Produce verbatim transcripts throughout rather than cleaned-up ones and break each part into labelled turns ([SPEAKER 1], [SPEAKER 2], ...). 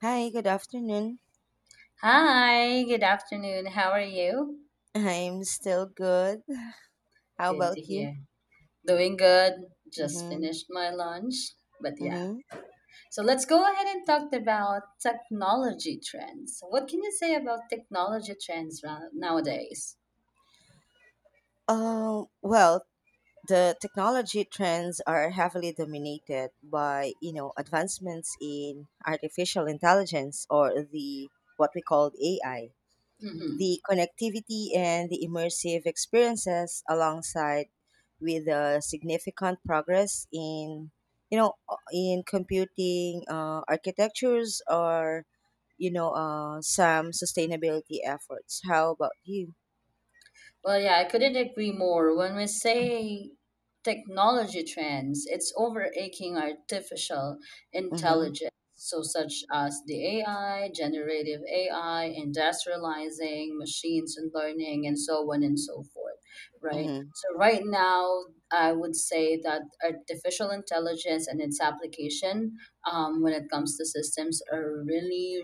[SPEAKER 1] Hi, good afternoon.
[SPEAKER 2] Hi, good afternoon. How are you?
[SPEAKER 1] I'm still good. How
[SPEAKER 2] Good
[SPEAKER 1] about
[SPEAKER 2] to
[SPEAKER 1] you?
[SPEAKER 2] hear. Doing good. Just
[SPEAKER 1] Mm-hmm.
[SPEAKER 2] finished my lunch. But yeah.
[SPEAKER 1] Mm-hmm.
[SPEAKER 2] So let's go ahead and talk about technology trends. What can you say about technology trends ra- nowadays?
[SPEAKER 1] Um, well, the technology trends are heavily dominated by, you know, advancements in artificial intelligence, or the what we call A I.
[SPEAKER 2] Mm-hmm.
[SPEAKER 1] The connectivity and the immersive experiences alongside with the significant progress in, you know, uh, in computing uh, architectures, or, you know, uh, some sustainability efforts. How about you?
[SPEAKER 2] Well, yeah, I couldn't agree more. When we say technology trends, it's overaching artificial
[SPEAKER 1] Mhm.
[SPEAKER 2] intelligence, so such as the A I, generative A I, industrializing machines and learning, and so on and so forth, right?
[SPEAKER 1] Mhm.
[SPEAKER 2] So right now, I would say that artificial intelligence and its application, um, when it comes to systems, are really,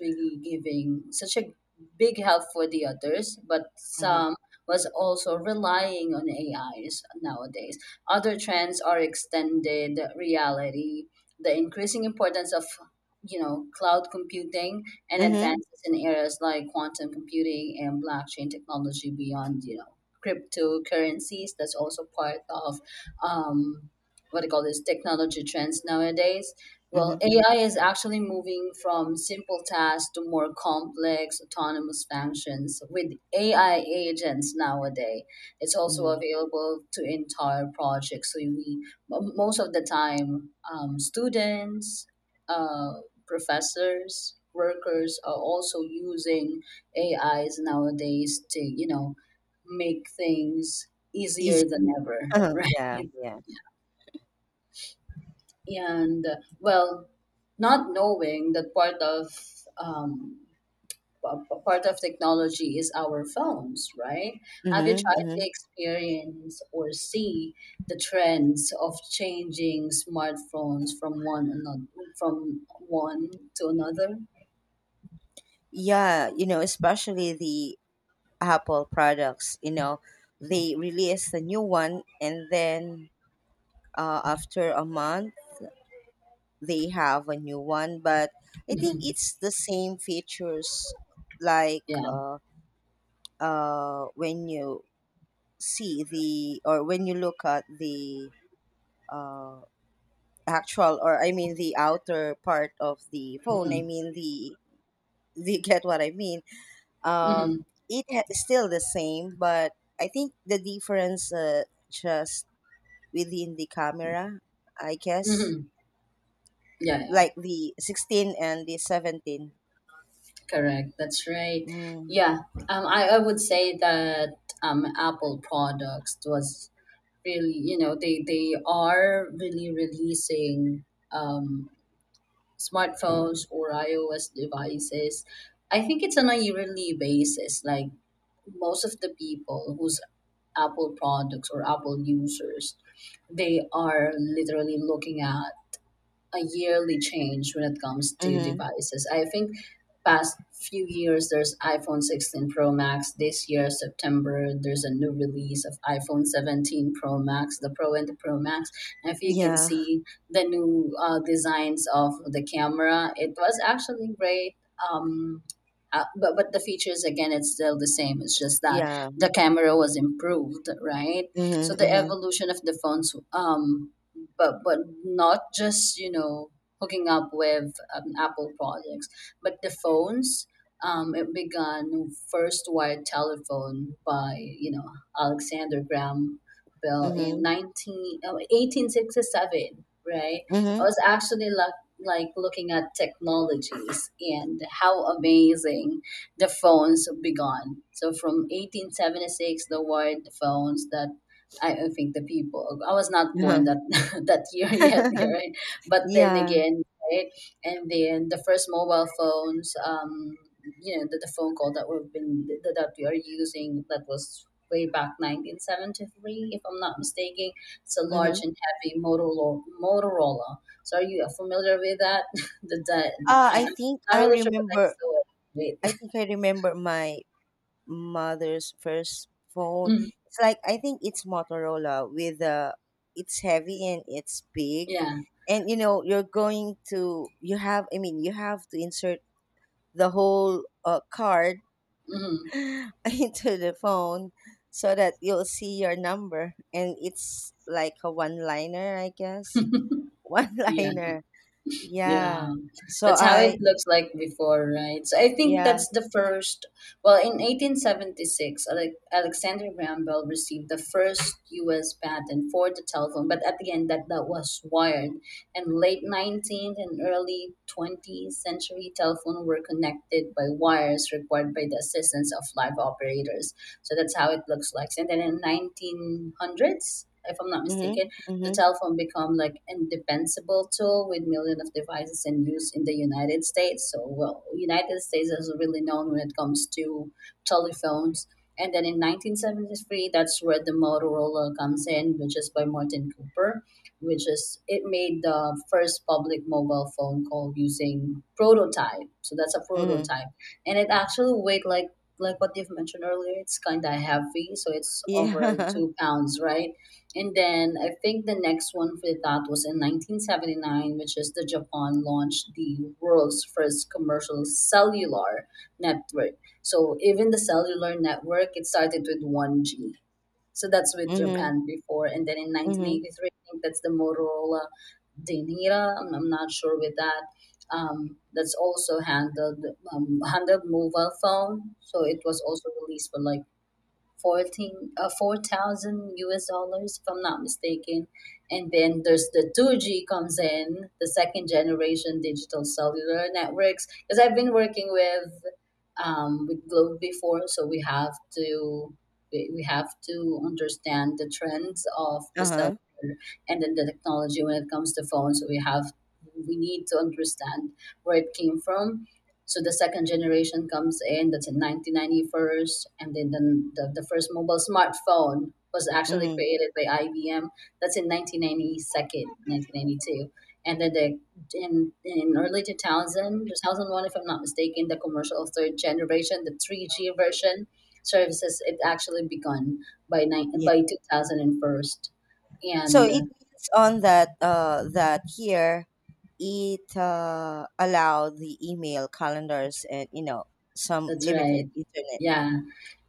[SPEAKER 2] really giving such a big help for the others, but
[SPEAKER 1] Mhm.
[SPEAKER 2] some was also relying on A Is nowadays. Other trends are extended reality, the increasing importance of you know cloud computing and
[SPEAKER 1] Mhm.
[SPEAKER 2] advances in areas like quantum computing and blockchain technology beyond you know cryptocurrencies, that's also part of um, what I call this technology trends nowadays. Well,
[SPEAKER 1] Mhm.
[SPEAKER 2] A I is actually moving from simple tasks to more complex autonomous functions with A I agents nowadays. It's also
[SPEAKER 1] Mhm.
[SPEAKER 2] available to entire projects. So we m- most of the time, um, students, uh, professors, workers are also using A Is nowadays to you know make things
[SPEAKER 1] Easy.
[SPEAKER 2] easier than ever, right?
[SPEAKER 1] Yeah, yeah.
[SPEAKER 2] And uh, well, not knowing that part of um, p- p- part of technology is our phones, right? Have you
[SPEAKER 1] Mm-hmm,
[SPEAKER 2] tried to
[SPEAKER 1] mm-hmm.
[SPEAKER 2] experience or see the trends of changing smartphones from one another from one to another?
[SPEAKER 1] Yeah, you know, especially the Apple products, you know, they release the new one and then uh, after a month they have a new one, but I think
[SPEAKER 2] Hmm.
[SPEAKER 1] it's the same features, like
[SPEAKER 2] Yeah.
[SPEAKER 1] uh, uh, when you see the, or when you look at the, uh, actual, or I mean the outer part of the phone, I
[SPEAKER 2] Hmm.
[SPEAKER 1] mean the, you get what I mean. um,
[SPEAKER 2] Hmm.
[SPEAKER 1] it ha- still the same, but I think the difference uh, just within the camera, I guess,
[SPEAKER 2] Hmm. Yeah, yeah.
[SPEAKER 1] like the sixteen and the seventeen.
[SPEAKER 2] Correct, that's right.
[SPEAKER 1] Mm.
[SPEAKER 2] Yeah. um, I, I would say that um, apple products was really you know they they are really releasing um, smartphones or ios devices. I think it's on a yearly basis, like most of the people whose apple products or apple users, they are literally looking at a yearly change when it comes to
[SPEAKER 1] Mhm.
[SPEAKER 2] devices. I think past few years there's iPhone sixteen Pro Max. This year September there's a new release of iPhone seventeen Pro Max, the Pro and the Pro Max. And if you can
[SPEAKER 1] Yeah.
[SPEAKER 2] see the new uh, designs of the camera, it was actually great. Um, uh, but but the features, again, it's still the same. It's just that
[SPEAKER 1] Yeah.
[SPEAKER 2] the camera was improved, right? So
[SPEAKER 1] Mhm.
[SPEAKER 2] the
[SPEAKER 1] Mhm.
[SPEAKER 2] evolution of the phones, um but but not just you know hooking up with um, Apple products, but the phones. Um, it began first wired telephone by you know Alexander Graham Bell in
[SPEAKER 1] Mhm.
[SPEAKER 2] nineteen oh eighteen sixty seven. Right? I
[SPEAKER 1] Mhm.
[SPEAKER 2] was actually like like looking at technologies and how amazing the phones began. So from eighteen seventy-six, the wired phones that I I think the people I was not born
[SPEAKER 1] Uh-huh.
[SPEAKER 2] that that year yet, yeah, right? But then
[SPEAKER 1] Yeah.
[SPEAKER 2] again, right? And then the first mobile phones, um, you know, the, the phone call that we've been that, that we are using, that was way back nineteen seventy-three, if I'm not mistaken. It's a large
[SPEAKER 1] Mhm.
[SPEAKER 2] and heavy Motorola. Motorola. So are you familiar with that? the, the
[SPEAKER 1] Uh,
[SPEAKER 2] I,
[SPEAKER 1] I
[SPEAKER 2] I'm
[SPEAKER 1] think
[SPEAKER 2] not
[SPEAKER 1] I
[SPEAKER 2] really sure, but I
[SPEAKER 1] remember.
[SPEAKER 2] saw it. Wait.
[SPEAKER 1] I think I remember my mother's first phone.
[SPEAKER 2] Mhm.
[SPEAKER 1] It's like, I think it's Motorola. With uh it's heavy and it's big,
[SPEAKER 2] Yeah.
[SPEAKER 1] and you know you're going to you have. I mean, you have to insert the whole uh, card
[SPEAKER 2] Hmm.
[SPEAKER 1] into the phone, so that you'll see your number, and it's like a one liner, I guess. One
[SPEAKER 2] Yeah.
[SPEAKER 1] liner. Yeah.
[SPEAKER 2] Yeah,
[SPEAKER 1] so
[SPEAKER 2] that's how it
[SPEAKER 1] I
[SPEAKER 2] looks like before, right? So I think
[SPEAKER 1] Yeah.
[SPEAKER 2] that's the first. Well, in eighteen seventy-six, Ale- Alexander Graham Bell received the first U S patent for the telephone, but at the end, that that was wired. And late nineteenth and early twentieth century, telephone were connected by wires required by the assistance of live operators. So that's how it looks like. And then in nineteen hundreds, if I'm not
[SPEAKER 1] Mhm.
[SPEAKER 2] mistaken, the
[SPEAKER 1] Mhm.
[SPEAKER 2] telephone become like indispensable tool with millions of devices in use in the United States. So, well, United States is really known when it comes to telephones. And then in nineteen seventy-three, that's where the Motorola comes in, which is by Martin Cooper, which is it made the first public mobile phone call using prototype. So that's a
[SPEAKER 1] Mhm.
[SPEAKER 2] prototype, and it actually weighed like like what you've mentioned earlier. It's kind of heavy, so it's over
[SPEAKER 1] Yeah.
[SPEAKER 2] two pounds, right? And then I think the next one for that was in nineteen seventy-nine, which is the Japan launched the world's first commercial cellular network. So even the cellular network, it started with one G. So that's with
[SPEAKER 1] Mhm.
[SPEAKER 2] Japan before. And then in
[SPEAKER 1] Mhm.
[SPEAKER 2] nineteen eighty-three, I think that's the Motorola Denira. I'm, I'm not sure with that. Um, that's also handled um, handled mobile phone. So it was also released for like fourteen uh, four thousand US dollars, if I'm not mistaken. And then there's the two G comes in, the second generation digital cellular networks. Because I've been working with um, with Globe before, so we have to we we have to understand the trends of the
[SPEAKER 1] Uh-huh.
[SPEAKER 2] cellular and then the technology when it comes to phones. So we have we need to understand where it came from. So the second generation comes in, that's in nineteen ninety-first, and then the, the, the first mobile smartphone was actually
[SPEAKER 1] Mhm.
[SPEAKER 2] created by I B M. That's in nineteen ninety-two, nineteen ninety-two. And then the, in, in early two thousand, two thousand one, if I'm not mistaken, the commercial third generation, the three G version services, it actually begun by, nine
[SPEAKER 1] Yeah,
[SPEAKER 2] by two thousand one.
[SPEAKER 1] so
[SPEAKER 2] And
[SPEAKER 1] it
[SPEAKER 2] uh,
[SPEAKER 1] means on that, uh that here it uh allow the email, calendars, and you know some
[SPEAKER 2] that's
[SPEAKER 1] limited
[SPEAKER 2] right.
[SPEAKER 1] internet. Hmm.
[SPEAKER 2] Yeah.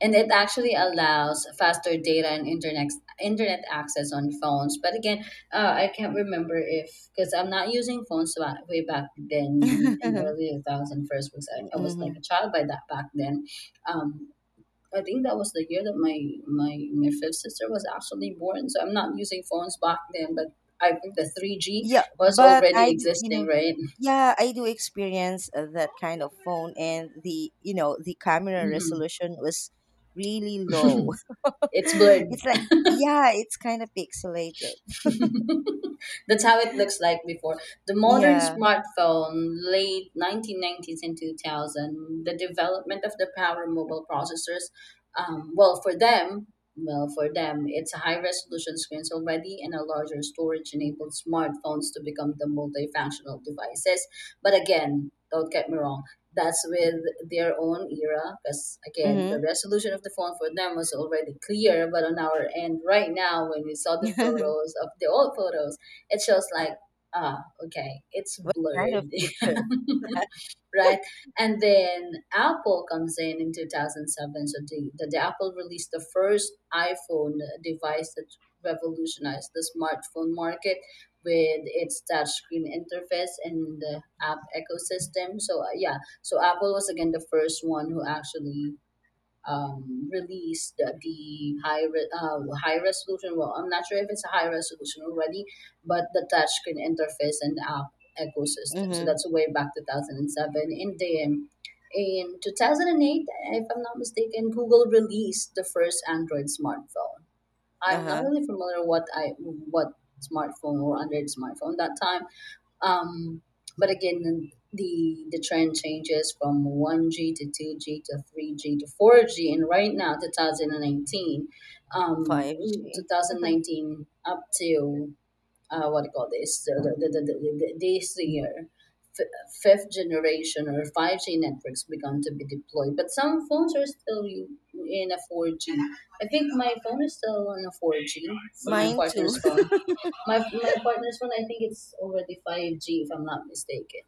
[SPEAKER 2] And it actually allows faster data and internet internet access on phones. But again, uh, I can't remember if because I'm not using phones wa- way back then in early two thousand first. first because I, I was like a child by that back then. Um, I think that was the year that my my my fifth sister was actually born. So I'm not using phones back then, but I think the three G
[SPEAKER 1] Yeah,
[SPEAKER 2] was
[SPEAKER 1] but
[SPEAKER 2] already
[SPEAKER 1] I do, you
[SPEAKER 2] existing,
[SPEAKER 1] know,
[SPEAKER 2] right?
[SPEAKER 1] yeah, I do experience uh, that kind of phone, and the, you know, the camera
[SPEAKER 2] Hmm.
[SPEAKER 1] resolution was really low.
[SPEAKER 2] It's blurred.
[SPEAKER 1] It's like, yeah, it's kind of pixelated.
[SPEAKER 2] That's how it looks like before. The modern
[SPEAKER 1] Yeah.
[SPEAKER 2] smartphone, late nineteen nineties and two thousand, the development of the power mobile processors, um, well, for them, well, for them, it's a high resolution screens already and a larger storage enabled smartphones to become the multifunctional devices. But again, don't get me wrong, that's with their own era, because again the
[SPEAKER 1] Mm-hmm.
[SPEAKER 2] resolution of the phone for them was already clear, but on our end right now when we saw the photos of the old photos, it shows like, ah, okay, it's
[SPEAKER 1] Kind of
[SPEAKER 2] blurred,
[SPEAKER 1] picture.
[SPEAKER 2] right? And then Apple comes in in two thousand seven. So the, the, the Apple released the first iPhone device that revolutionized the smartphone market with its touchscreen interface and the app ecosystem. So uh, yeah, so Apple was again the first one who actually um, released the high re- uh, high resolution. Well, I'm not sure if it's a high resolution already, but the touchscreen interface and app ecosystem. So
[SPEAKER 1] Mm-hmm.
[SPEAKER 2] that's way back two thousand seven in the in two thousand eight, if I'm not mistaken, Google released the first Android smartphone. I'm not
[SPEAKER 1] Uh-huh.
[SPEAKER 2] really familiar what I what smartphone or Android smartphone that time, um, but again, the the trend changes from one G to two G to three G to four G, and right now, two thousand nineteen,
[SPEAKER 1] five G.
[SPEAKER 2] um, twenty nineteen up to uh, what do you call this? The, the, the, the, the, the- this year, f- fifth generation or five G networks begun to be deployed, but some phones are still u- in a four G. I think my phone is still on a four G, but my
[SPEAKER 1] Mine too.
[SPEAKER 2] partner's phone, my my partner's one, I think it's already five G, if I'm not mistaken.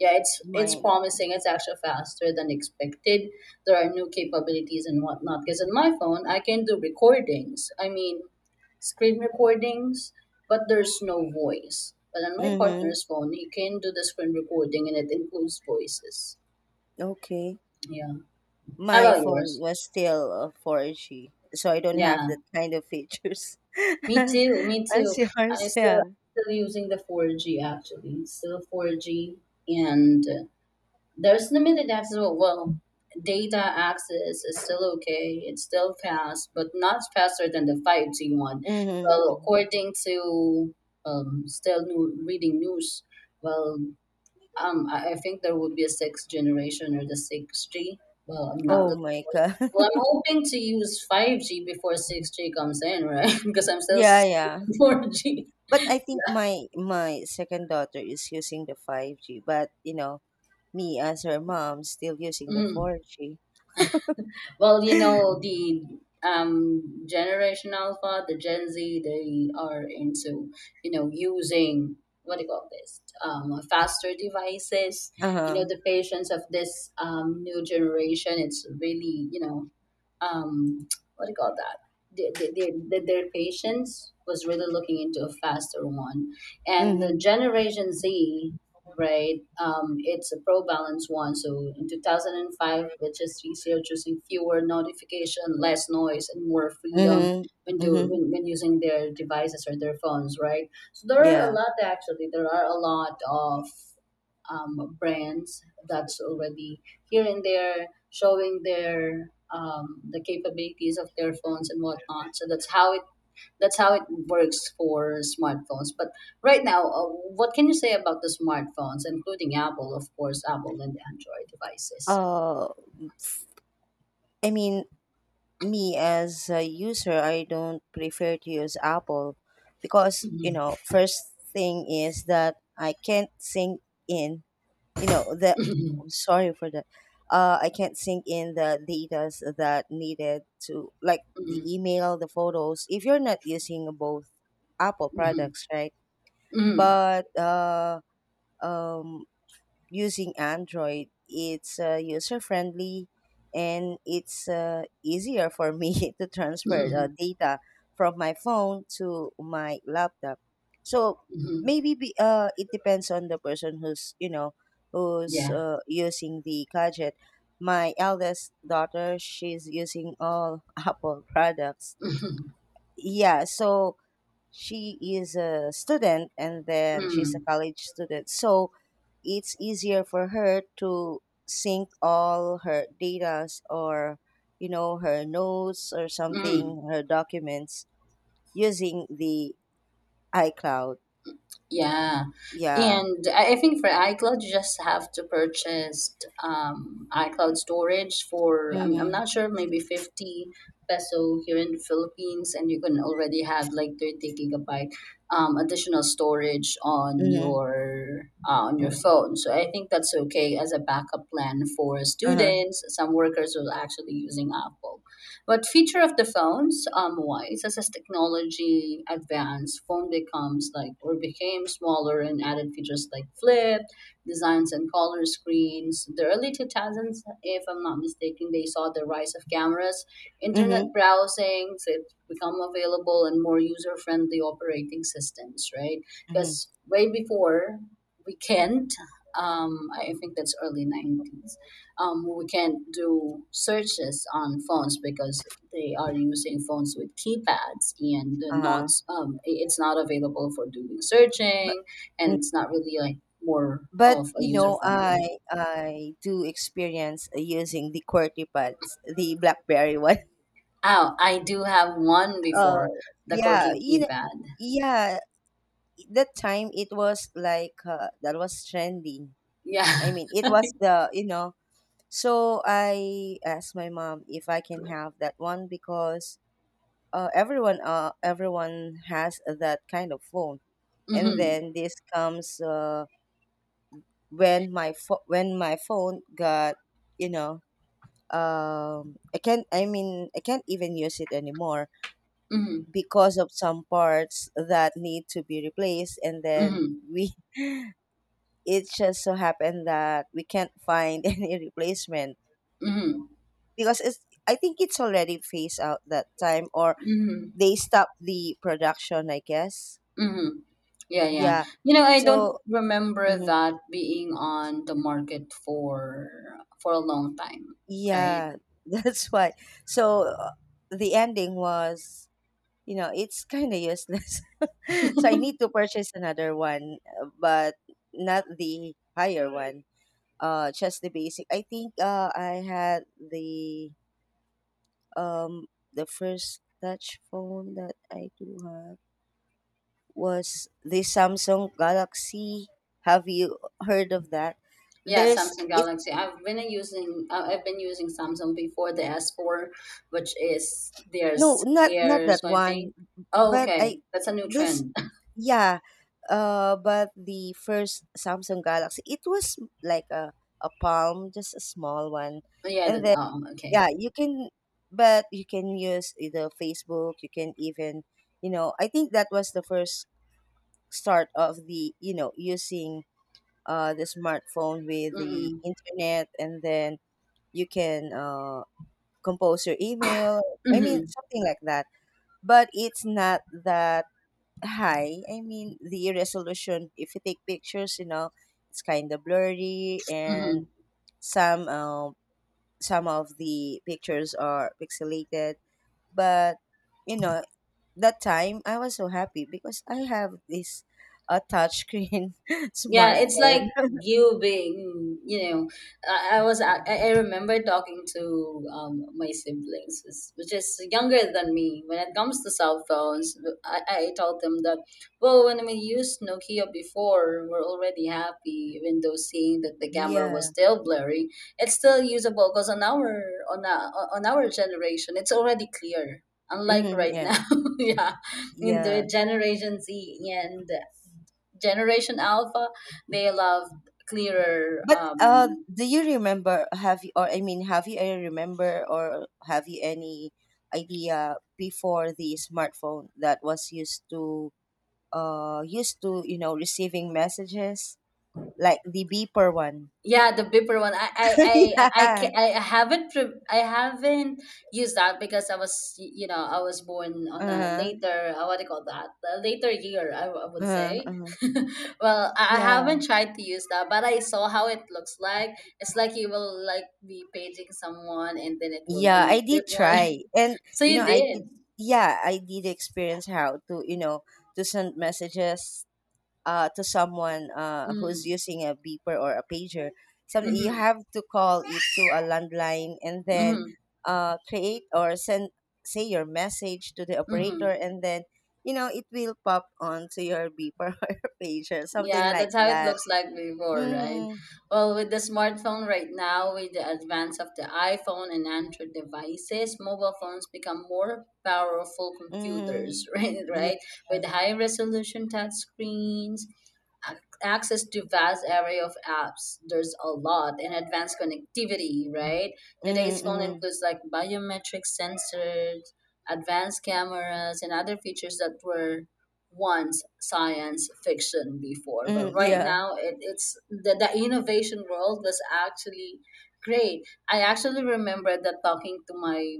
[SPEAKER 2] Yeah, it's it's
[SPEAKER 1] Mine.
[SPEAKER 2] promising. It's actually faster than expected. There are new capabilities and whatnot. Because on my phone, I can do recordings. I mean, screen recordings, but there's no voice. But on my
[SPEAKER 1] Mm-hmm.
[SPEAKER 2] partner's phone, he can do the screen recording, and it includes voices.
[SPEAKER 1] Okay.
[SPEAKER 2] Yeah. How
[SPEAKER 1] My
[SPEAKER 2] about
[SPEAKER 1] phone
[SPEAKER 2] yours?
[SPEAKER 1] was still uh, four G, so I don't have
[SPEAKER 2] Yeah.
[SPEAKER 1] that kind of features
[SPEAKER 2] Me too. Me
[SPEAKER 1] as
[SPEAKER 2] too. I'm
[SPEAKER 1] yours.
[SPEAKER 2] still
[SPEAKER 1] Yeah.
[SPEAKER 2] still using the four G actually. Still four G and uh, there's limited access. Well, well, data access is still okay. It's still fast, but not faster than the five G one. Well,
[SPEAKER 1] Mm-hmm.
[SPEAKER 2] according to um, still new, reading news, well, um, I, I think there would be a sixth generation or the six G. Well, I'm not
[SPEAKER 1] Oh
[SPEAKER 2] really
[SPEAKER 1] my
[SPEAKER 2] sure.
[SPEAKER 1] god.
[SPEAKER 2] Well, I'm hoping to use five G before six G comes in, right? because I'm still
[SPEAKER 1] Yeah, yeah.
[SPEAKER 2] using
[SPEAKER 1] But I think my my second daughter is using the five G, but you know, me as her mom still using the
[SPEAKER 2] four G.
[SPEAKER 1] four G.
[SPEAKER 2] Well, you know, the um, Generation Alpha, the Gen Z, they are into, you know, using what do you call this? Um, faster devices. You know,
[SPEAKER 1] Uh-huh.
[SPEAKER 2] the patience of this um, new generation, it's really, you know, um, what do you call that? Their, their, their their patience was really looking into a faster one. And the
[SPEAKER 1] Mhm.
[SPEAKER 2] Generation Z, right? Um, it's a pro balance one. So in two thousand five, which is easier choosing fewer notification, less noise, and more freedom
[SPEAKER 1] Mhm.
[SPEAKER 2] when do
[SPEAKER 1] Mhm.
[SPEAKER 2] when, when using their devices or their phones, right? So there are a
[SPEAKER 1] Yeah.
[SPEAKER 2] lot actually. There are a lot of um, brands that's already here and there showing their um, the capabilities of their phones and whatnot. So that's how it that's how it works for smartphones. But right now, uh, what can you say about the smartphones, including Apple, of course, Apple and Android devices?
[SPEAKER 1] Uh I mean, me as a user, I don't prefer to use Apple, because, you
[SPEAKER 2] Mhm.
[SPEAKER 1] know, first thing is that I can't sync in, you know, the,
[SPEAKER 2] Mhm.
[SPEAKER 1] I'm sorry for that, uh I can't sync in the data that needed to, like the
[SPEAKER 2] Mhm.
[SPEAKER 1] email, the photos, if you're not using both Apple
[SPEAKER 2] Mhm.
[SPEAKER 1] products, right?
[SPEAKER 2] Mhm.
[SPEAKER 1] But uh um using Android, it's uh, user friendly, and it's uh, easier for me to transfer
[SPEAKER 2] Mhm.
[SPEAKER 1] uh, data from my phone to my laptop. So
[SPEAKER 2] Mhm.
[SPEAKER 1] maybe be, uh, it depends on the person who's, you know, who's
[SPEAKER 2] Yeah.
[SPEAKER 1] uh, using the gadget. My eldest daughter, she's using all Apple products.
[SPEAKER 2] Mhm.
[SPEAKER 1] Yeah, so she is a student, and then she's a
[SPEAKER 2] Mhm.
[SPEAKER 1] college student, so it's easier for her to sync all her data, or, you know, her notes, or
[SPEAKER 2] Mhm.
[SPEAKER 1] something, her documents, using the iCloud.
[SPEAKER 2] Yeah.
[SPEAKER 1] Yeah.
[SPEAKER 2] And I I think for iCloud, you just have to purchase um, iCloud storage for, I'm, I'm
[SPEAKER 1] Mm-hmm.
[SPEAKER 2] not sure, maybe fifty peso here in the Philippines, and you can already have like thirty gigabyte um, additional storage on
[SPEAKER 1] Mm-hmm.
[SPEAKER 2] your uh, on your phone. So I think that's okay as a backup plan for
[SPEAKER 1] Uh-huh.
[SPEAKER 2] students. Some workers are actually using Apple. What feature of the phones um, wise, as as technology advanced, phone becomes like or became smaller and added features like flip, designs and color screens. The early two thousands, if I'm not mistaken, they saw the rise of cameras,
[SPEAKER 1] Mm-hmm.
[SPEAKER 2] internet browsing, so it become available and more user-friendly operating systems, right?
[SPEAKER 1] Mm-hmm.
[SPEAKER 2] Because way before we can't, um, I think that's early nineties, um, we can't do searches on phones because they are using phones with keypads and they're not
[SPEAKER 1] Uh-huh.
[SPEAKER 2] um, i- it's not available for doing
[SPEAKER 1] But
[SPEAKER 2] searching and
[SPEAKER 1] mm,
[SPEAKER 2] it's not really like more
[SPEAKER 1] but
[SPEAKER 2] of a
[SPEAKER 1] you
[SPEAKER 2] user
[SPEAKER 1] know i
[SPEAKER 2] friendly.
[SPEAKER 1] i do experience using the qwerty pads, the BlackBerry one.
[SPEAKER 2] Oh, I do have one
[SPEAKER 1] uh
[SPEAKER 2] before, the
[SPEAKER 1] yeah,
[SPEAKER 2] quirky
[SPEAKER 1] you.
[SPEAKER 2] keypad.
[SPEAKER 1] Yeah, that time it was like, uh, that was trending.
[SPEAKER 2] Yeah.
[SPEAKER 1] I mean, it was the, you know, so I asked my mom if I can have that one, because uh, everyone uh, everyone has that kind of phone. And
[SPEAKER 2] Mm-hmm,
[SPEAKER 1] then this comes, uh, when my pho- when my phone got, you know, um I can't I mean, I can't even use it anymore
[SPEAKER 2] mm-hmm,
[SPEAKER 1] because of some parts that need to be replaced, and then
[SPEAKER 2] mm-hmm,
[SPEAKER 1] we it just so happened that we can't find any replacement,
[SPEAKER 2] mm-hmm,
[SPEAKER 1] because it's, I think it's already phased out that time, or
[SPEAKER 2] mm-hmm,
[SPEAKER 1] they stopped the production, I guess.
[SPEAKER 2] mm-hmm. Yeah, yeah,
[SPEAKER 1] Yeah,
[SPEAKER 2] you know, I don't
[SPEAKER 1] so.
[SPEAKER 2] remember
[SPEAKER 1] Mhm.
[SPEAKER 2] that being on the market for for a long time. Right.
[SPEAKER 1] Yeah. That's why. So uh, the ending was, you know, it's kind of useless, so I need to purchase another one, uh, but not the higher one, uh just the basic, I think. uh I had the um, the first touch phone that I do have was the Samsung Galaxy. Have you heard of that?
[SPEAKER 2] Yeah,
[SPEAKER 1] There's
[SPEAKER 2] Samsung
[SPEAKER 1] it
[SPEAKER 2] Galaxy. I've been using uh, I've been using Samsung before the S four, which is
[SPEAKER 1] No,
[SPEAKER 2] there's
[SPEAKER 1] not not
[SPEAKER 2] air
[SPEAKER 1] that one,
[SPEAKER 2] swiping. Oh,
[SPEAKER 1] but
[SPEAKER 2] okay.
[SPEAKER 1] I
[SPEAKER 2] That's a new
[SPEAKER 1] this
[SPEAKER 2] trend.
[SPEAKER 1] yeah, uh, but the first Samsung Galaxy, it was like a a palm, just a small one.
[SPEAKER 2] Yeah, that,
[SPEAKER 1] And then,
[SPEAKER 2] oh, okay.
[SPEAKER 1] yeah, you can, but you can use the Facebook. You can even, you know, I think that was the first start of the, you know, using uh, the smartphone with the
[SPEAKER 2] Mhm.
[SPEAKER 1] internet. And then you can uh, compose your email, I mean
[SPEAKER 2] Mhm.
[SPEAKER 1] something like that, but it's not that high, I mean the resolution. If you take pictures, you know, it's kind of blurry, and
[SPEAKER 2] Mhm.
[SPEAKER 1] some uh, some of the pictures are pixelated, but you know that time I was so happy because I have this uh, touchscreen
[SPEAKER 2] Yeah, it's like
[SPEAKER 1] smartphone.
[SPEAKER 2] you being, you know, I, I was, I, I remember talking to um, my siblings, is- which is younger than me. When it comes to cell phones, I, I told them that, well, when we used Nokia before, we're already happy, even though seeing that the camera was
[SPEAKER 1] Yeah.
[SPEAKER 2] still blurry, it's still usable because on our, on, our on our generation, it's already clear. Unlike
[SPEAKER 1] Mm-hmm,
[SPEAKER 2] right
[SPEAKER 1] yeah.
[SPEAKER 2] now, yeah, in
[SPEAKER 1] Yeah.
[SPEAKER 2] the Generation Z, and Generation Alpha, they love clearer.
[SPEAKER 1] But uh
[SPEAKER 2] Um,
[SPEAKER 1] do you remember, have you, or I mean, have you any remember, or have you any idea before the smartphone that was used to, uh used to, you know, receiving messages, like the beeper one?
[SPEAKER 2] yeah, the Bipper one. I I I I,
[SPEAKER 1] Yeah.
[SPEAKER 2] ca- I haven't pre- I haven't used that because I was y- you know, I was born on a
[SPEAKER 1] Uh-huh.
[SPEAKER 2] later uh, what do you call that, a later year I, w- I would
[SPEAKER 1] Uh-huh.
[SPEAKER 2] say.
[SPEAKER 1] Uh-huh.
[SPEAKER 2] Well, I, I
[SPEAKER 1] Yeah.
[SPEAKER 2] haven't tried to use that, but I saw how it looks like. It's like you will like be paging someone, and then it will
[SPEAKER 1] Yeah,
[SPEAKER 2] when
[SPEAKER 1] I
[SPEAKER 2] you grip
[SPEAKER 1] did
[SPEAKER 2] one.
[SPEAKER 1] try. And
[SPEAKER 2] So
[SPEAKER 1] you know,
[SPEAKER 2] you
[SPEAKER 1] I did,
[SPEAKER 2] did.
[SPEAKER 1] yeah, I did experience how to, you know, to send messages uh to someone, uh who's
[SPEAKER 2] Mm.
[SPEAKER 1] using a beeper or a pager. Some, you
[SPEAKER 2] Mm-hmm.
[SPEAKER 1] have to call it to a landline, and then
[SPEAKER 2] Mm-hmm.
[SPEAKER 1] uh create or send say your message to the operator,
[SPEAKER 2] Mm-hmm.
[SPEAKER 1] and then you know it will pop onto your beeper, or your pager, something
[SPEAKER 2] Yeah,
[SPEAKER 1] like
[SPEAKER 2] that's how it
[SPEAKER 1] that.
[SPEAKER 2] looks like before, right?
[SPEAKER 1] Hmm.
[SPEAKER 2] Well, with the smartphone right now, with the advance of the iPhone and Android devices, mobile phones become more powerful computers,
[SPEAKER 1] Hmm.
[SPEAKER 2] right? Right,
[SPEAKER 1] Yeah.
[SPEAKER 2] with high resolution touch screens, ac- access to vast array of apps, there's a lot, and advanced connectivity, right?
[SPEAKER 1] Hmm.
[SPEAKER 2] Today's phone
[SPEAKER 1] Hmm.
[SPEAKER 2] includes like biometric sensors, advanced cameras and other features that were once science fiction before, but
[SPEAKER 1] Hmm.
[SPEAKER 2] right
[SPEAKER 1] Yeah.
[SPEAKER 2] now it, it's the, the innovation world was actually great. I actually remember that talking to my,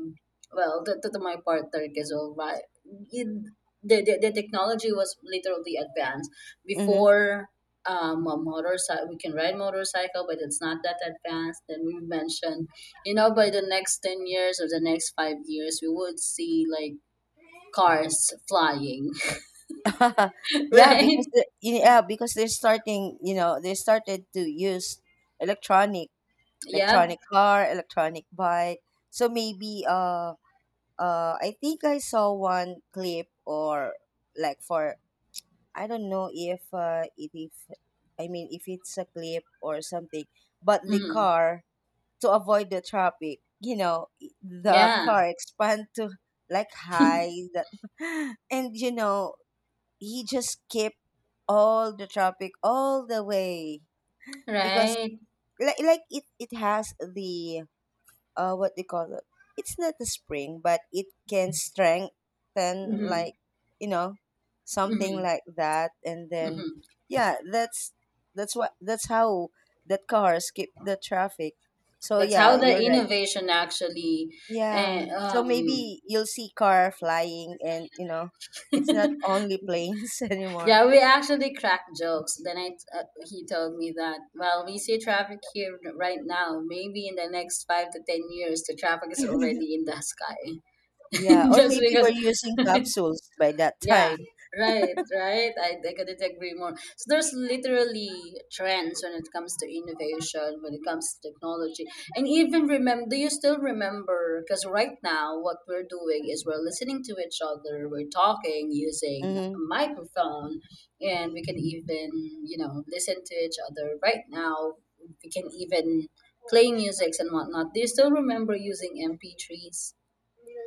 [SPEAKER 2] well, to, to, to my partner because all right, it, the, the, the technology was literally advanced
[SPEAKER 1] Hmm.
[SPEAKER 2] before. Um, a motorcycle, we can ride motorcycle but it's not that advanced, and we mentioned, you know, by the next ten years or the next five years we would see like cars flying.
[SPEAKER 1] Yeah,
[SPEAKER 2] Right.
[SPEAKER 1] because the, yeah, because they're starting, you know, they started to use electronic,
[SPEAKER 2] Yep.
[SPEAKER 1] electronic car, electronic bike. So maybe, uh uh I think I saw one clip, or like for, I don't know if, uh if, if, I mean if it's a clip or something, but the
[SPEAKER 2] Hmm.
[SPEAKER 1] car, to avoid the traffic, you know, the
[SPEAKER 2] Yeah.
[SPEAKER 1] car expand to like high that, and you know he just skipped all the traffic all the way, because
[SPEAKER 2] Right.
[SPEAKER 1] like, like it, it has the, uh what they call it, it's not a spring, but it can strengthen,
[SPEAKER 2] Hmm.
[SPEAKER 1] like, you know, something
[SPEAKER 2] Hmm.
[SPEAKER 1] like that. And then
[SPEAKER 2] Hmm.
[SPEAKER 1] yeah, that's that's what that's how that car skip the traffic. So
[SPEAKER 2] That's how
[SPEAKER 1] yeah,
[SPEAKER 2] the
[SPEAKER 1] you're right.
[SPEAKER 2] innovation actually,
[SPEAKER 1] Yeah,
[SPEAKER 2] eh,
[SPEAKER 1] so
[SPEAKER 2] um,
[SPEAKER 1] maybe you'll see car flying, and you know it's not only planes anymore.
[SPEAKER 2] yeah, we actually crack jokes. Then I, uh, he told me that, well, we see traffic here right now. Maybe in the next five to ten years, the traffic is already in the sky.
[SPEAKER 1] Yeah, or
[SPEAKER 2] Just
[SPEAKER 1] maybe
[SPEAKER 2] because
[SPEAKER 1] we're using capsules by that
[SPEAKER 2] yeah,
[SPEAKER 1] time.
[SPEAKER 2] right, right. I, I couldn't agree more. So there's literally trends when it comes to innovation, when it comes to technology. And even remember, do you still remember? Because right now, what we're doing is we're listening to each other, we're talking using a
[SPEAKER 1] Hmm.
[SPEAKER 2] microphone, and we can even, you know, listen to each other right now. We can even play musics and whatnot. Do you still remember using M P threes?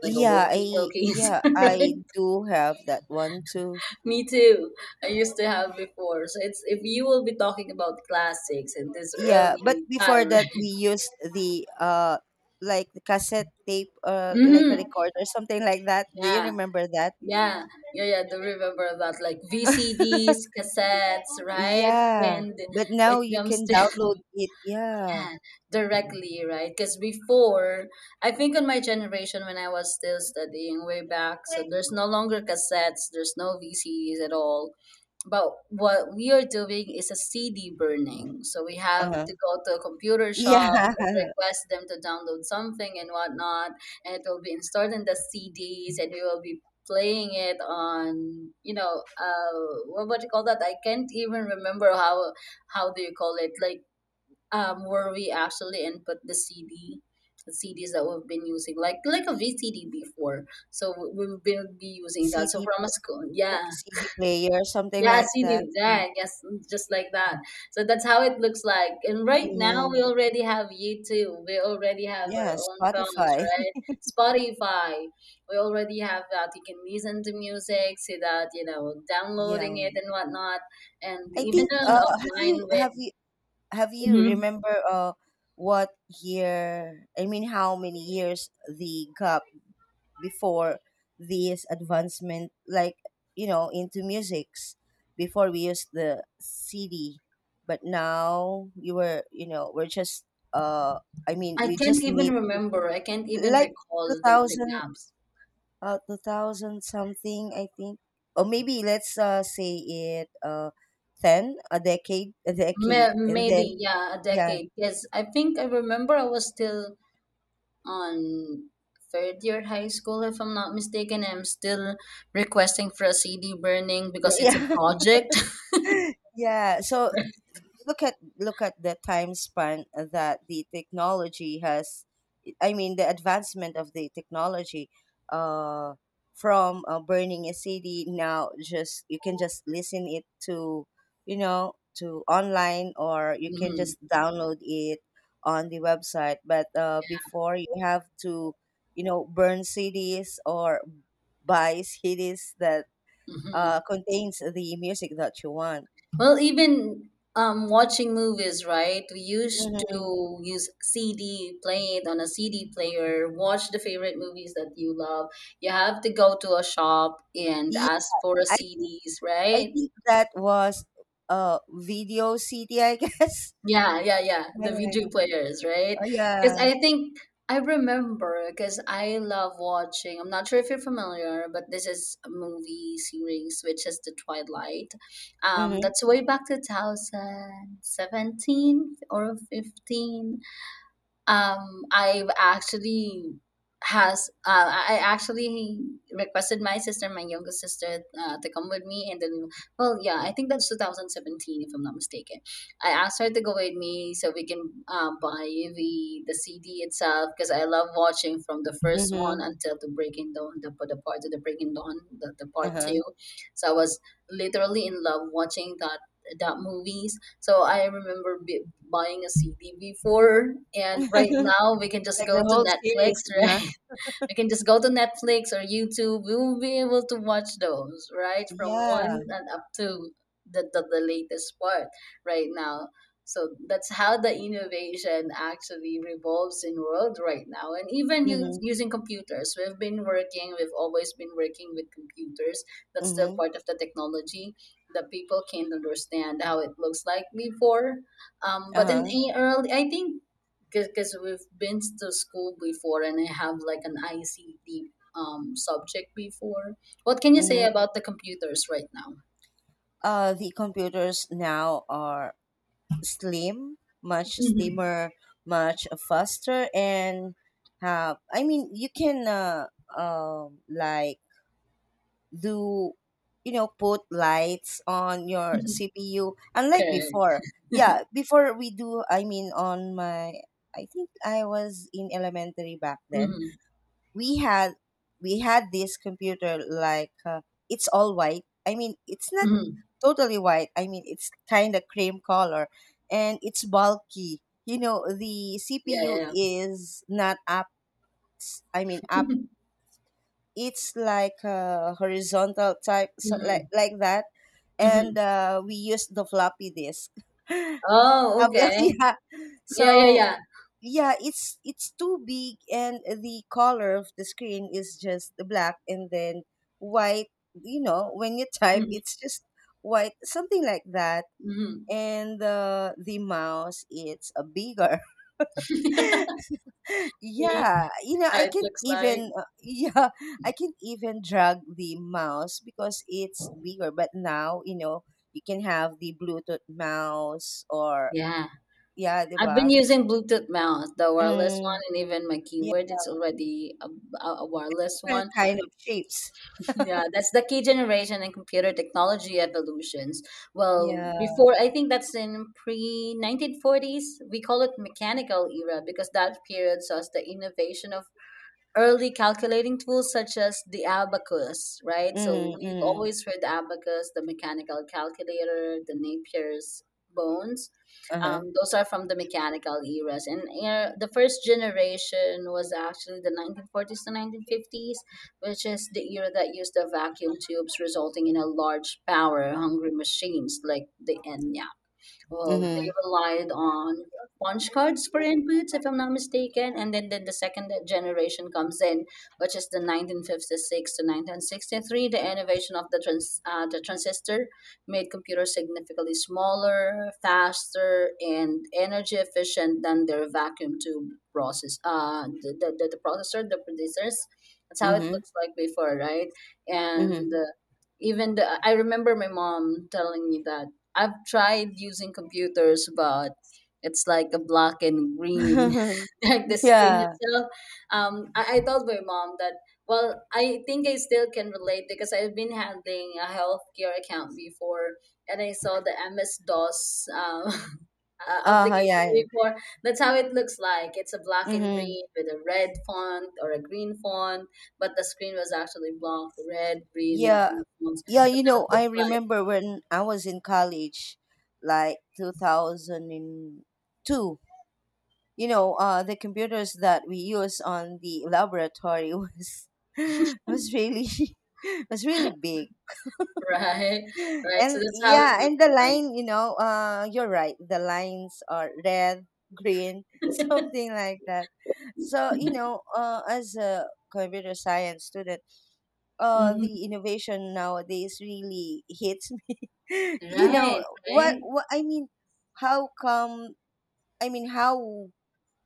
[SPEAKER 2] Like a
[SPEAKER 1] Yeah, I
[SPEAKER 2] walkie-talkies,
[SPEAKER 1] yeah,
[SPEAKER 2] right?
[SPEAKER 1] I do have that one too.
[SPEAKER 2] Me too. I used to have before. So it's if you will be talking about classics in this
[SPEAKER 1] Yeah, but
[SPEAKER 2] early
[SPEAKER 1] before
[SPEAKER 2] time, right?
[SPEAKER 1] that we used the uh like the cassette tape, uh like a
[SPEAKER 2] Mm-hmm.
[SPEAKER 1] recorder, something like that. Do you
[SPEAKER 2] Yeah,
[SPEAKER 1] remember that?
[SPEAKER 2] yeah, yeah, yeah. Do remember that, like V C Ds, cassettes, right?
[SPEAKER 1] Yeah.
[SPEAKER 2] And
[SPEAKER 1] But now
[SPEAKER 2] it
[SPEAKER 1] you
[SPEAKER 2] jumps
[SPEAKER 1] can
[SPEAKER 2] to,
[SPEAKER 1] download it. Yeah.
[SPEAKER 2] yeah, directly, right? Because before, I think on my generation when I was still studying way back, so there's no longer cassettes, there's no V C Ds at all. But what we are doing is a C D burning. So we have
[SPEAKER 1] Uh-huh.
[SPEAKER 2] to go to a computer
[SPEAKER 1] Yeah.
[SPEAKER 2] shop and request them to download something and whatnot, and it will be installed in the C Ds, and we will be playing it on, you know, uh, what, what do you call that? I can't even remember how how do you call it? Like um, where we actually input the C D, the C Ds that we've been using, like like a V C D before. So we will be, be using that.
[SPEAKER 1] C D,
[SPEAKER 2] So from a school, yeah,
[SPEAKER 1] like C D player, something
[SPEAKER 2] yeah,
[SPEAKER 1] like
[SPEAKER 2] C D
[SPEAKER 1] that. Mm.
[SPEAKER 2] deck, yes, just like that. So that's how it looks like. And right now we
[SPEAKER 1] Mm-hmm.
[SPEAKER 2] already have YouTube. We already have our
[SPEAKER 1] Yeah,
[SPEAKER 2] own phones,
[SPEAKER 1] Spotify.
[SPEAKER 2] right? Spotify. We already have that. You can listen to music, see that, you know, downloading
[SPEAKER 1] Yeah.
[SPEAKER 2] it and whatnot, and
[SPEAKER 1] I
[SPEAKER 2] even
[SPEAKER 1] think
[SPEAKER 2] on
[SPEAKER 1] uh have
[SPEAKER 2] offline
[SPEAKER 1] you have
[SPEAKER 2] with.
[SPEAKER 1] you have you
[SPEAKER 2] Mm-hmm.
[SPEAKER 1] remember uh what year, I mean how many years the gap before this advancement, like, you know, into musics, before we used the C D, but now you were, you know, we're just, uh I mean
[SPEAKER 2] I
[SPEAKER 1] we
[SPEAKER 2] can't
[SPEAKER 1] just
[SPEAKER 2] even
[SPEAKER 1] need to,
[SPEAKER 2] remember. I can't even
[SPEAKER 1] like
[SPEAKER 2] recall the, the
[SPEAKER 1] two thousand,
[SPEAKER 2] gaps.
[SPEAKER 1] uh two thousand something, I think, or maybe let's uh say it, uh ten, a decade, a decade
[SPEAKER 2] May,
[SPEAKER 1] and then
[SPEAKER 2] maybe, yeah, a
[SPEAKER 1] yeah.
[SPEAKER 2] decade. Yes, I think I remember I was still on third year high school, if I'm not mistaken. I'm still requesting for a C D burning because it's a
[SPEAKER 1] Yeah.
[SPEAKER 2] project.
[SPEAKER 1] Yeah. So look at look at the time span that the technology has, I mean the advancement of the technology, uh from uh, burning a CD, now just you can just listen it to, you know, to online, or you can
[SPEAKER 2] Hmm.
[SPEAKER 1] just download it on the website. But uh before you have to, you know, burn CDs, or buy CDs that
[SPEAKER 2] Hmm.
[SPEAKER 1] uh contains the music that you want.
[SPEAKER 2] Well, even um, watching movies, right? We used
[SPEAKER 1] Mhm.
[SPEAKER 2] to use C D, play it on a C D player, watch the favorite movies that you love. You have to go to a shop and
[SPEAKER 1] Yeah,
[SPEAKER 2] ask for a
[SPEAKER 1] I think
[SPEAKER 2] C Ds,
[SPEAKER 1] I
[SPEAKER 2] right?
[SPEAKER 1] think that was uh Video City, I guess.
[SPEAKER 2] Yeah, yeah, yeah.
[SPEAKER 1] Yeah,
[SPEAKER 2] The
[SPEAKER 1] yeah,
[SPEAKER 2] video
[SPEAKER 1] yeah.
[SPEAKER 2] players, right?
[SPEAKER 1] Oh
[SPEAKER 2] Because
[SPEAKER 1] yeah.
[SPEAKER 2] I think I remember because I love watching. I'm not sure if you're familiar, but this is a movie series which is The Twilight. Um,
[SPEAKER 1] Mm-hmm.
[SPEAKER 2] that's way back two thousand seventeen or fifteen, um i've actually has uh, i actually requested my sister, my younger sister, uh, to come with me, and then, well, yeah, I think that's two thousand seventeen if I'm not mistaken. I asked her to go with me so we can uh, buy the the CD itself because I love watching from the first one
[SPEAKER 1] Mm-hmm.
[SPEAKER 2] until the breaking dawn, the, the part, the breaking dawn, the, the part
[SPEAKER 1] Uh-huh.
[SPEAKER 2] two. So I was literally in love watching that that movie. So I remember b- buying a C D before, and right now we can just
[SPEAKER 1] Like
[SPEAKER 2] go
[SPEAKER 1] the
[SPEAKER 2] to
[SPEAKER 1] whole
[SPEAKER 2] Netflix,
[SPEAKER 1] series, nah?
[SPEAKER 2] we can just go to Netflix or YouTube. We will be able to watch those, right? From
[SPEAKER 1] Yeah.
[SPEAKER 2] one and up to the, the, the latest part right now. So that's how the innovation actually revolves in world right now. And even u-
[SPEAKER 1] Mm-hmm.
[SPEAKER 2] using computers, we've been working, we've always been working with computers. That's still
[SPEAKER 1] Mm-hmm.
[SPEAKER 2] part of the technology that people can't understand how it looks like before. Um, but in
[SPEAKER 1] Uh-huh.
[SPEAKER 2] a- early, I think because we've been to school before and I have like an I C T um, subject before. What can you say
[SPEAKER 1] Mm-hmm.
[SPEAKER 2] about the computers right now?
[SPEAKER 1] Uh, the computers now are slim, much
[SPEAKER 2] Mm-hmm.
[SPEAKER 1] slimmer, much faster, and have. I mean, you can, uh um like, do you know, put lights on your C P U, unlike
[SPEAKER 2] Okay.
[SPEAKER 1] before. Yeah, before we do, I mean, on my, I think I was in elementary back then.
[SPEAKER 2] Mm-hmm.
[SPEAKER 1] we had we had this computer like, uh, it's all white. I mean, it's not
[SPEAKER 2] Mm-hmm.
[SPEAKER 1] totally white, I mean it's kind of cream color, and it's bulky. You know, the
[SPEAKER 2] Yeah, yeah,
[SPEAKER 1] C P U
[SPEAKER 2] yeah.
[SPEAKER 1] is not up, I mean up, it's like a horizontal type, so like
[SPEAKER 2] Mm-hmm.
[SPEAKER 1] like that.
[SPEAKER 2] Mm-hmm.
[SPEAKER 1] And uh, we use the floppy disk.
[SPEAKER 2] Oh,
[SPEAKER 1] Have you?
[SPEAKER 2] okay.
[SPEAKER 1] Yeah,
[SPEAKER 2] Yeah, yeah,
[SPEAKER 1] so
[SPEAKER 2] yeah.
[SPEAKER 1] yeah, it's it's too big, and the color of the screen is just black and then white. You know, when you type
[SPEAKER 2] Mm-hmm.
[SPEAKER 1] it's just white, something like that.
[SPEAKER 2] Mm-hmm.
[SPEAKER 1] And uh, the mouse, it's a bigger.
[SPEAKER 2] See
[SPEAKER 1] Yeah, you know,
[SPEAKER 2] how
[SPEAKER 1] I
[SPEAKER 2] it
[SPEAKER 1] can
[SPEAKER 2] looks like.
[SPEAKER 1] even, uh, yeah, I can even drag the mouse because it's bigger. But now, you know, you can have the Bluetooth mouse, or
[SPEAKER 2] Yeah.
[SPEAKER 1] yeah,
[SPEAKER 2] I've been
[SPEAKER 1] diba?
[SPEAKER 2] using Bluetooth mouse, the wireless
[SPEAKER 1] Mm,
[SPEAKER 2] one, and even my
[SPEAKER 1] yeah,
[SPEAKER 2] keyboard. It's already a, a a wireless
[SPEAKER 1] different
[SPEAKER 2] one.
[SPEAKER 1] kind of shapes.
[SPEAKER 2] Yeah, that's the key generation and computer technology evolutions. Well,
[SPEAKER 1] Yeah.
[SPEAKER 2] before I think that's in pre nineteen forties, we call it mechanical era because that period saw the innovation of early calculating tools such as the abacus, right? So
[SPEAKER 1] Mm.
[SPEAKER 2] we've
[SPEAKER 1] Mm.
[SPEAKER 2] always heard the abacus, the mechanical calculator, the Napier's bones. Um,
[SPEAKER 1] Uh-huh.
[SPEAKER 2] those are from the mechanical eras. And uh, the first generation was actually the nineteen forties to nineteen fifties, which is the era that used the vacuum tubes, resulting in a large power hungry machines like the Enya. Well, they
[SPEAKER 1] Mhm.
[SPEAKER 2] relied on punch cards for inputs, if I'm not mistaken. And then, then the second generation comes in, which is the nineteen fifty-six to nineteen sixty-three. The innovation of the, trans, uh, the transistor made computers significantly smaller, faster, and energy efficient than their vacuum tube process. Uh, the, the, the the processor, the producers. That's how it
[SPEAKER 1] Mhm.
[SPEAKER 2] looks like before, right?
[SPEAKER 1] Mhm.
[SPEAKER 2] And uh, even the, I remember my mom telling me that I've tried using computers, but it's like a black and green, like the screen
[SPEAKER 1] Yeah.
[SPEAKER 2] itself. Um, I, I told my mom that, well, I think I still can relate because I've been handling a healthcare account before and I saw the M S DOS um, uh,
[SPEAKER 1] Uh-huh,
[SPEAKER 2] application
[SPEAKER 1] yeah, yeah.
[SPEAKER 2] before. That's how it looks like. It's a black and
[SPEAKER 1] Mhm.
[SPEAKER 2] green with a red font or a green font, but the screen was actually black, red, green, and
[SPEAKER 1] Yeah.
[SPEAKER 2] blue fonts.
[SPEAKER 1] Yeah, you
[SPEAKER 2] That's how
[SPEAKER 1] know,
[SPEAKER 2] it
[SPEAKER 1] I
[SPEAKER 2] looks like.
[SPEAKER 1] remember when I was in college, like two thousand two, you know, uh, the computers that we use on the laboratory was was really was really big.
[SPEAKER 2] Right, right. So
[SPEAKER 1] And
[SPEAKER 2] that's how it
[SPEAKER 1] yeah,
[SPEAKER 2] looks
[SPEAKER 1] and the
[SPEAKER 2] like.
[SPEAKER 1] line, you know, uh, you're right. The lines are red, green, something like that. So, you know, uh, as a computer science student, uh
[SPEAKER 2] Mhm.
[SPEAKER 1] the innovation nowadays really hits me. You know
[SPEAKER 2] Right,
[SPEAKER 1] what
[SPEAKER 2] right.
[SPEAKER 1] what I mean? How come, I mean how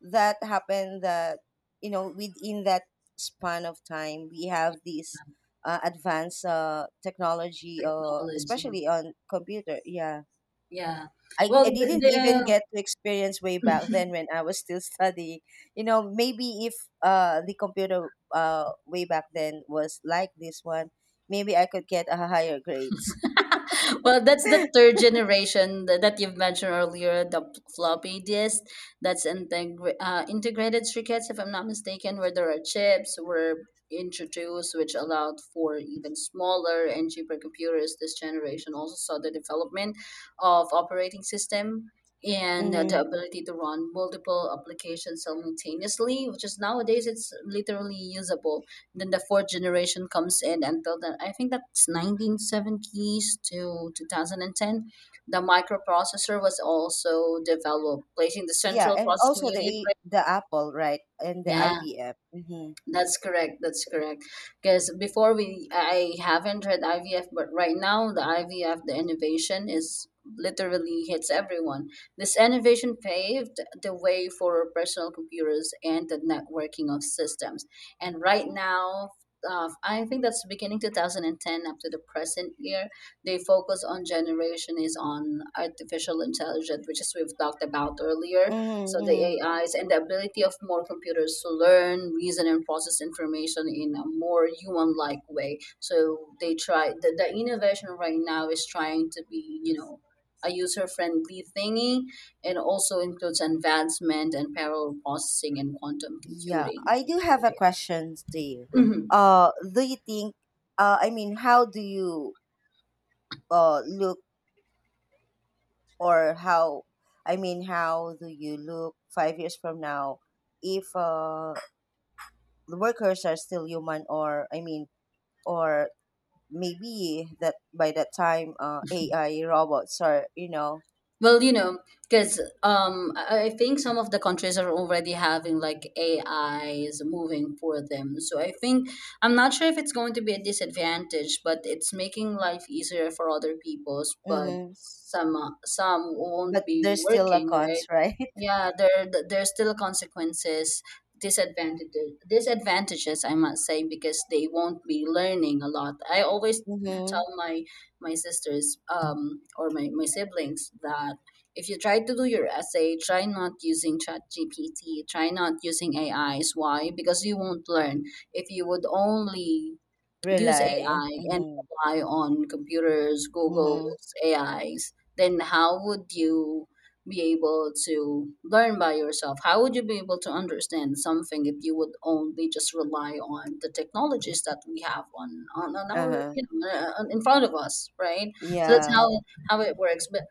[SPEAKER 1] that happened, that you know within that span of time we have this, uh, advanced uh technology, uh
[SPEAKER 2] Technology.
[SPEAKER 1] especially on computer. Yeah.
[SPEAKER 2] Yeah.
[SPEAKER 1] I,
[SPEAKER 2] Well,
[SPEAKER 1] I
[SPEAKER 2] the,
[SPEAKER 1] didn't even
[SPEAKER 2] the
[SPEAKER 1] get to experience way back then when I was still studying. You know, maybe if uh the computer uh way back then was like this one, maybe I could get a higher grades.
[SPEAKER 2] well, that's the third generation tha- that you've mentioned earlier, the p- floppy disk. That's integra- uh, integrated circuits, if I'm not mistaken, where there are chips were introduced, which allowed for even smaller and cheaper computers. This generation also saw the development of operating system and uh, the
[SPEAKER 1] Mm-hmm.
[SPEAKER 2] ability to run multiple applications simultaneously, which is nowadays it's literally usable. Then the fourth generation comes in. Until then, I think that's nineteen seventies to twenty ten. The microprocessor was also developed, placing the
[SPEAKER 1] Yeah,
[SPEAKER 2] central
[SPEAKER 1] and
[SPEAKER 2] processing
[SPEAKER 1] also the
[SPEAKER 2] unit,
[SPEAKER 1] A-
[SPEAKER 2] right?
[SPEAKER 1] the Apple, right? And the
[SPEAKER 2] Yeah,
[SPEAKER 1] I B M. Mm-hmm.
[SPEAKER 2] that's correct. That's correct. Because before we, I haven't read I V F, but right now the I V F, the innovation is literally hits everyone. This innovation paved the way for personal computers and the networking of systems. And right now, uh, I think that's beginning two thousand ten up to the present year. They focus on generation is on artificial intelligence, which is we've talked about earlier,
[SPEAKER 1] Mm-hmm,
[SPEAKER 2] so the
[SPEAKER 1] mm-hmm.
[SPEAKER 2] A Is and the ability of more computers to learn, reason, and process information in a more human-like way. So they try the, the innovation right now is trying to be, you know, a user-friendly thingy, and also includes advancement and parallel processing and quantum
[SPEAKER 1] Yeah,
[SPEAKER 2] computing.
[SPEAKER 1] I do have a question to you.
[SPEAKER 2] Mhm.
[SPEAKER 1] Uh, do you think, uh, I mean, how do you uh look, or how, I mean how do you look five years from now, if uh, the workers are still human, or I mean, or maybe that by that time uh, AI robots are, you know.
[SPEAKER 2] Well, you know, because um, I I think some of the countries are already having like A Is moving for them. So I think I'm not sure if it's going to be a disadvantage, but it's making life easier for other peoples. But
[SPEAKER 1] Mm-hmm.
[SPEAKER 2] some uh, some won't
[SPEAKER 1] But
[SPEAKER 2] be
[SPEAKER 1] there's still a
[SPEAKER 2] working,
[SPEAKER 1] cons,
[SPEAKER 2] right?
[SPEAKER 1] right?
[SPEAKER 2] Yeah, there th- there's still consequences, disadvantages, disadvantages I must say, because they won't be learning a lot. I always tell
[SPEAKER 1] Mm-hmm.
[SPEAKER 2] my my sisters um, or my, my siblings that if you try to do your essay, try not using Chat G P T, try not using A Is. Why? Because you won't learn. If you would only use
[SPEAKER 1] Rely.
[SPEAKER 2] A I and
[SPEAKER 1] Mm-hmm.
[SPEAKER 2] rely on computers,
[SPEAKER 1] Mm-hmm.
[SPEAKER 2] Google's A Is, then how would you be able to learn by yourself? How would you be able to understand something if you would only just rely on the technologies that we have on on, on our
[SPEAKER 1] Uh-huh.
[SPEAKER 2] you know uh, on- in front of us, right? So that's
[SPEAKER 1] Yeah,
[SPEAKER 2] how how it works. But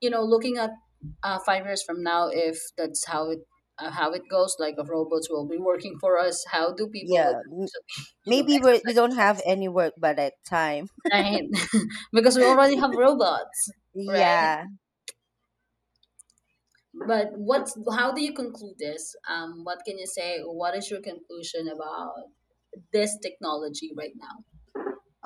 [SPEAKER 2] you know, looking at uh, five years from now, if that's how it uh, how it goes, like robots will be working for us. How do people would
[SPEAKER 1] yeah. M-
[SPEAKER 2] actually, you know,
[SPEAKER 1] maybe we're, we we
[SPEAKER 2] exercise
[SPEAKER 1] do not have
[SPEAKER 2] themselves?
[SPEAKER 1] any work by that time.
[SPEAKER 2] Right? Because we already have robots, right?
[SPEAKER 1] Yeah,
[SPEAKER 2] But what? How do you conclude this? Um, what can you say? What is your conclusion about this technology right now?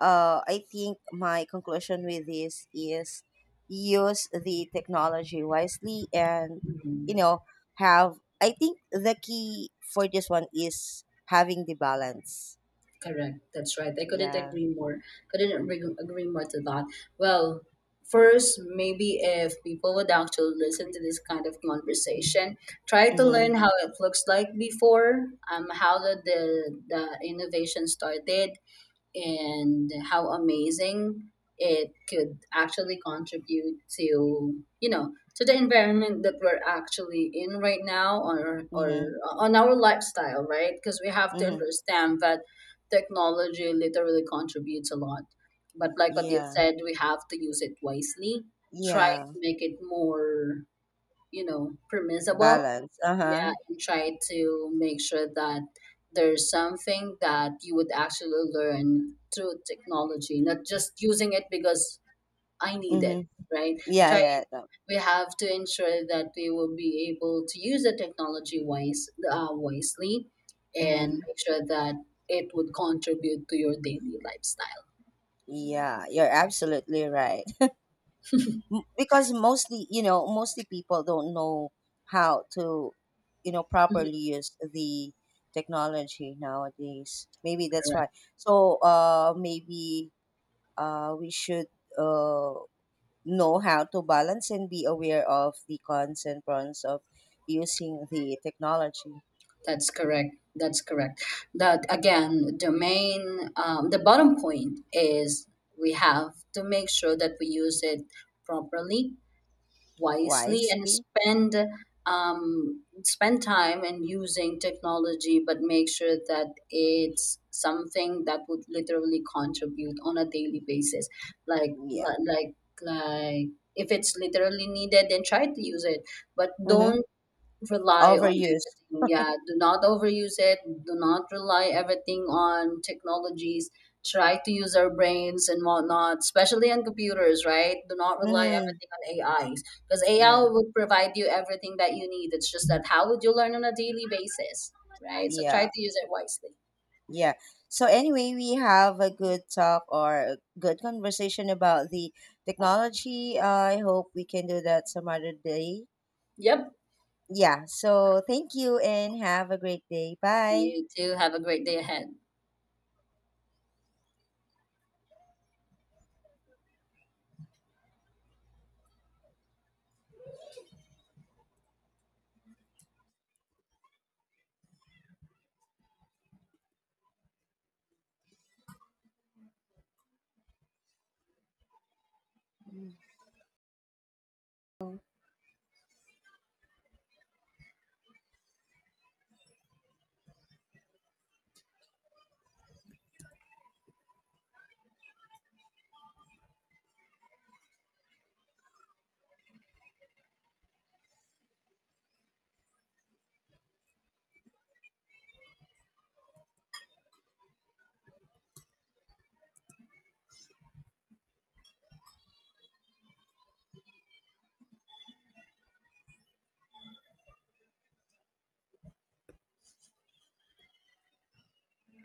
[SPEAKER 1] uh, I think my conclusion with this is use the technology wisely, and you
[SPEAKER 2] Hmm.
[SPEAKER 1] know, have, I think the key for this one is having the balance.
[SPEAKER 2] Correct. That's right. I couldn't
[SPEAKER 1] Yeah.
[SPEAKER 2] agree more. Couldn't agree, agree more to that. Well, first, maybe if people would actually listen to this kind of conversation, try to learn
[SPEAKER 1] Mhm.
[SPEAKER 2] how it looks like before, um, how the, the the innovation started, and how amazing it could actually contribute to, you know, to the environment that we're actually in right now, or or
[SPEAKER 1] Mhm.
[SPEAKER 2] on our lifestyle, right? Because we have to
[SPEAKER 1] Mhm.
[SPEAKER 2] understand that technology literally contributes a lot, but like what you've
[SPEAKER 1] Yeah.
[SPEAKER 2] said, we have to use it wisely. Try to
[SPEAKER 1] Yeah.
[SPEAKER 2] make it more, you know, permissible.
[SPEAKER 1] Balance. Uh-huh.
[SPEAKER 2] Yeah, and try to make sure that there's something that you would actually learn through technology, not just using it because I need it,
[SPEAKER 1] Mhm.
[SPEAKER 2] right?
[SPEAKER 1] Yeah,
[SPEAKER 2] try
[SPEAKER 1] yeah. No.
[SPEAKER 2] we have to ensure that we will be able to use the technology wise uh, wisely and
[SPEAKER 1] Mhm.
[SPEAKER 2] make sure that it would contribute to your daily lifestyle.
[SPEAKER 1] Yeah, you're absolutely right. M- because, mostly, you know, mostly people don't know how to, you know,
[SPEAKER 2] Mhm.
[SPEAKER 1] properly use the technology nowadays. Maybe that's why. So uh maybe uh we should uh know how to balance, and be aware of the cons and pros of using the technology.
[SPEAKER 2] That's correct. That's correct. That again, the main, um, the bottom point is we have to make sure that we use it properly, wisely, and
[SPEAKER 1] Wisely.
[SPEAKER 2] spend um, spend time in using technology, but make sure that it's something that would literally contribute on a daily basis. Like,
[SPEAKER 1] Yeah.
[SPEAKER 2] li- like, like, if it's literally needed, then try to use it, but
[SPEAKER 1] Mm-hmm.
[SPEAKER 2] don't rely on
[SPEAKER 1] Overuse.
[SPEAKER 2] everything. Yeah, do not overuse it. Do not rely everything on technologies. Try to use our brains and whatnot, especially on computers, right? Do not rely
[SPEAKER 1] Mm-hmm.
[SPEAKER 2] everything on A Is because A I
[SPEAKER 1] Yeah,
[SPEAKER 2] would provide you everything that you need. It's just that how would you learn on a daily basis, right? So try
[SPEAKER 1] yeah.
[SPEAKER 2] to use it wisely.
[SPEAKER 1] Yeah. So anyway, we have a good talk, or a good conversation, about the technology. I hope we can do that some other day.
[SPEAKER 2] Yep.
[SPEAKER 1] Yeah. So thank you, and have a great day. Bye.
[SPEAKER 2] You too. Have a great day ahead.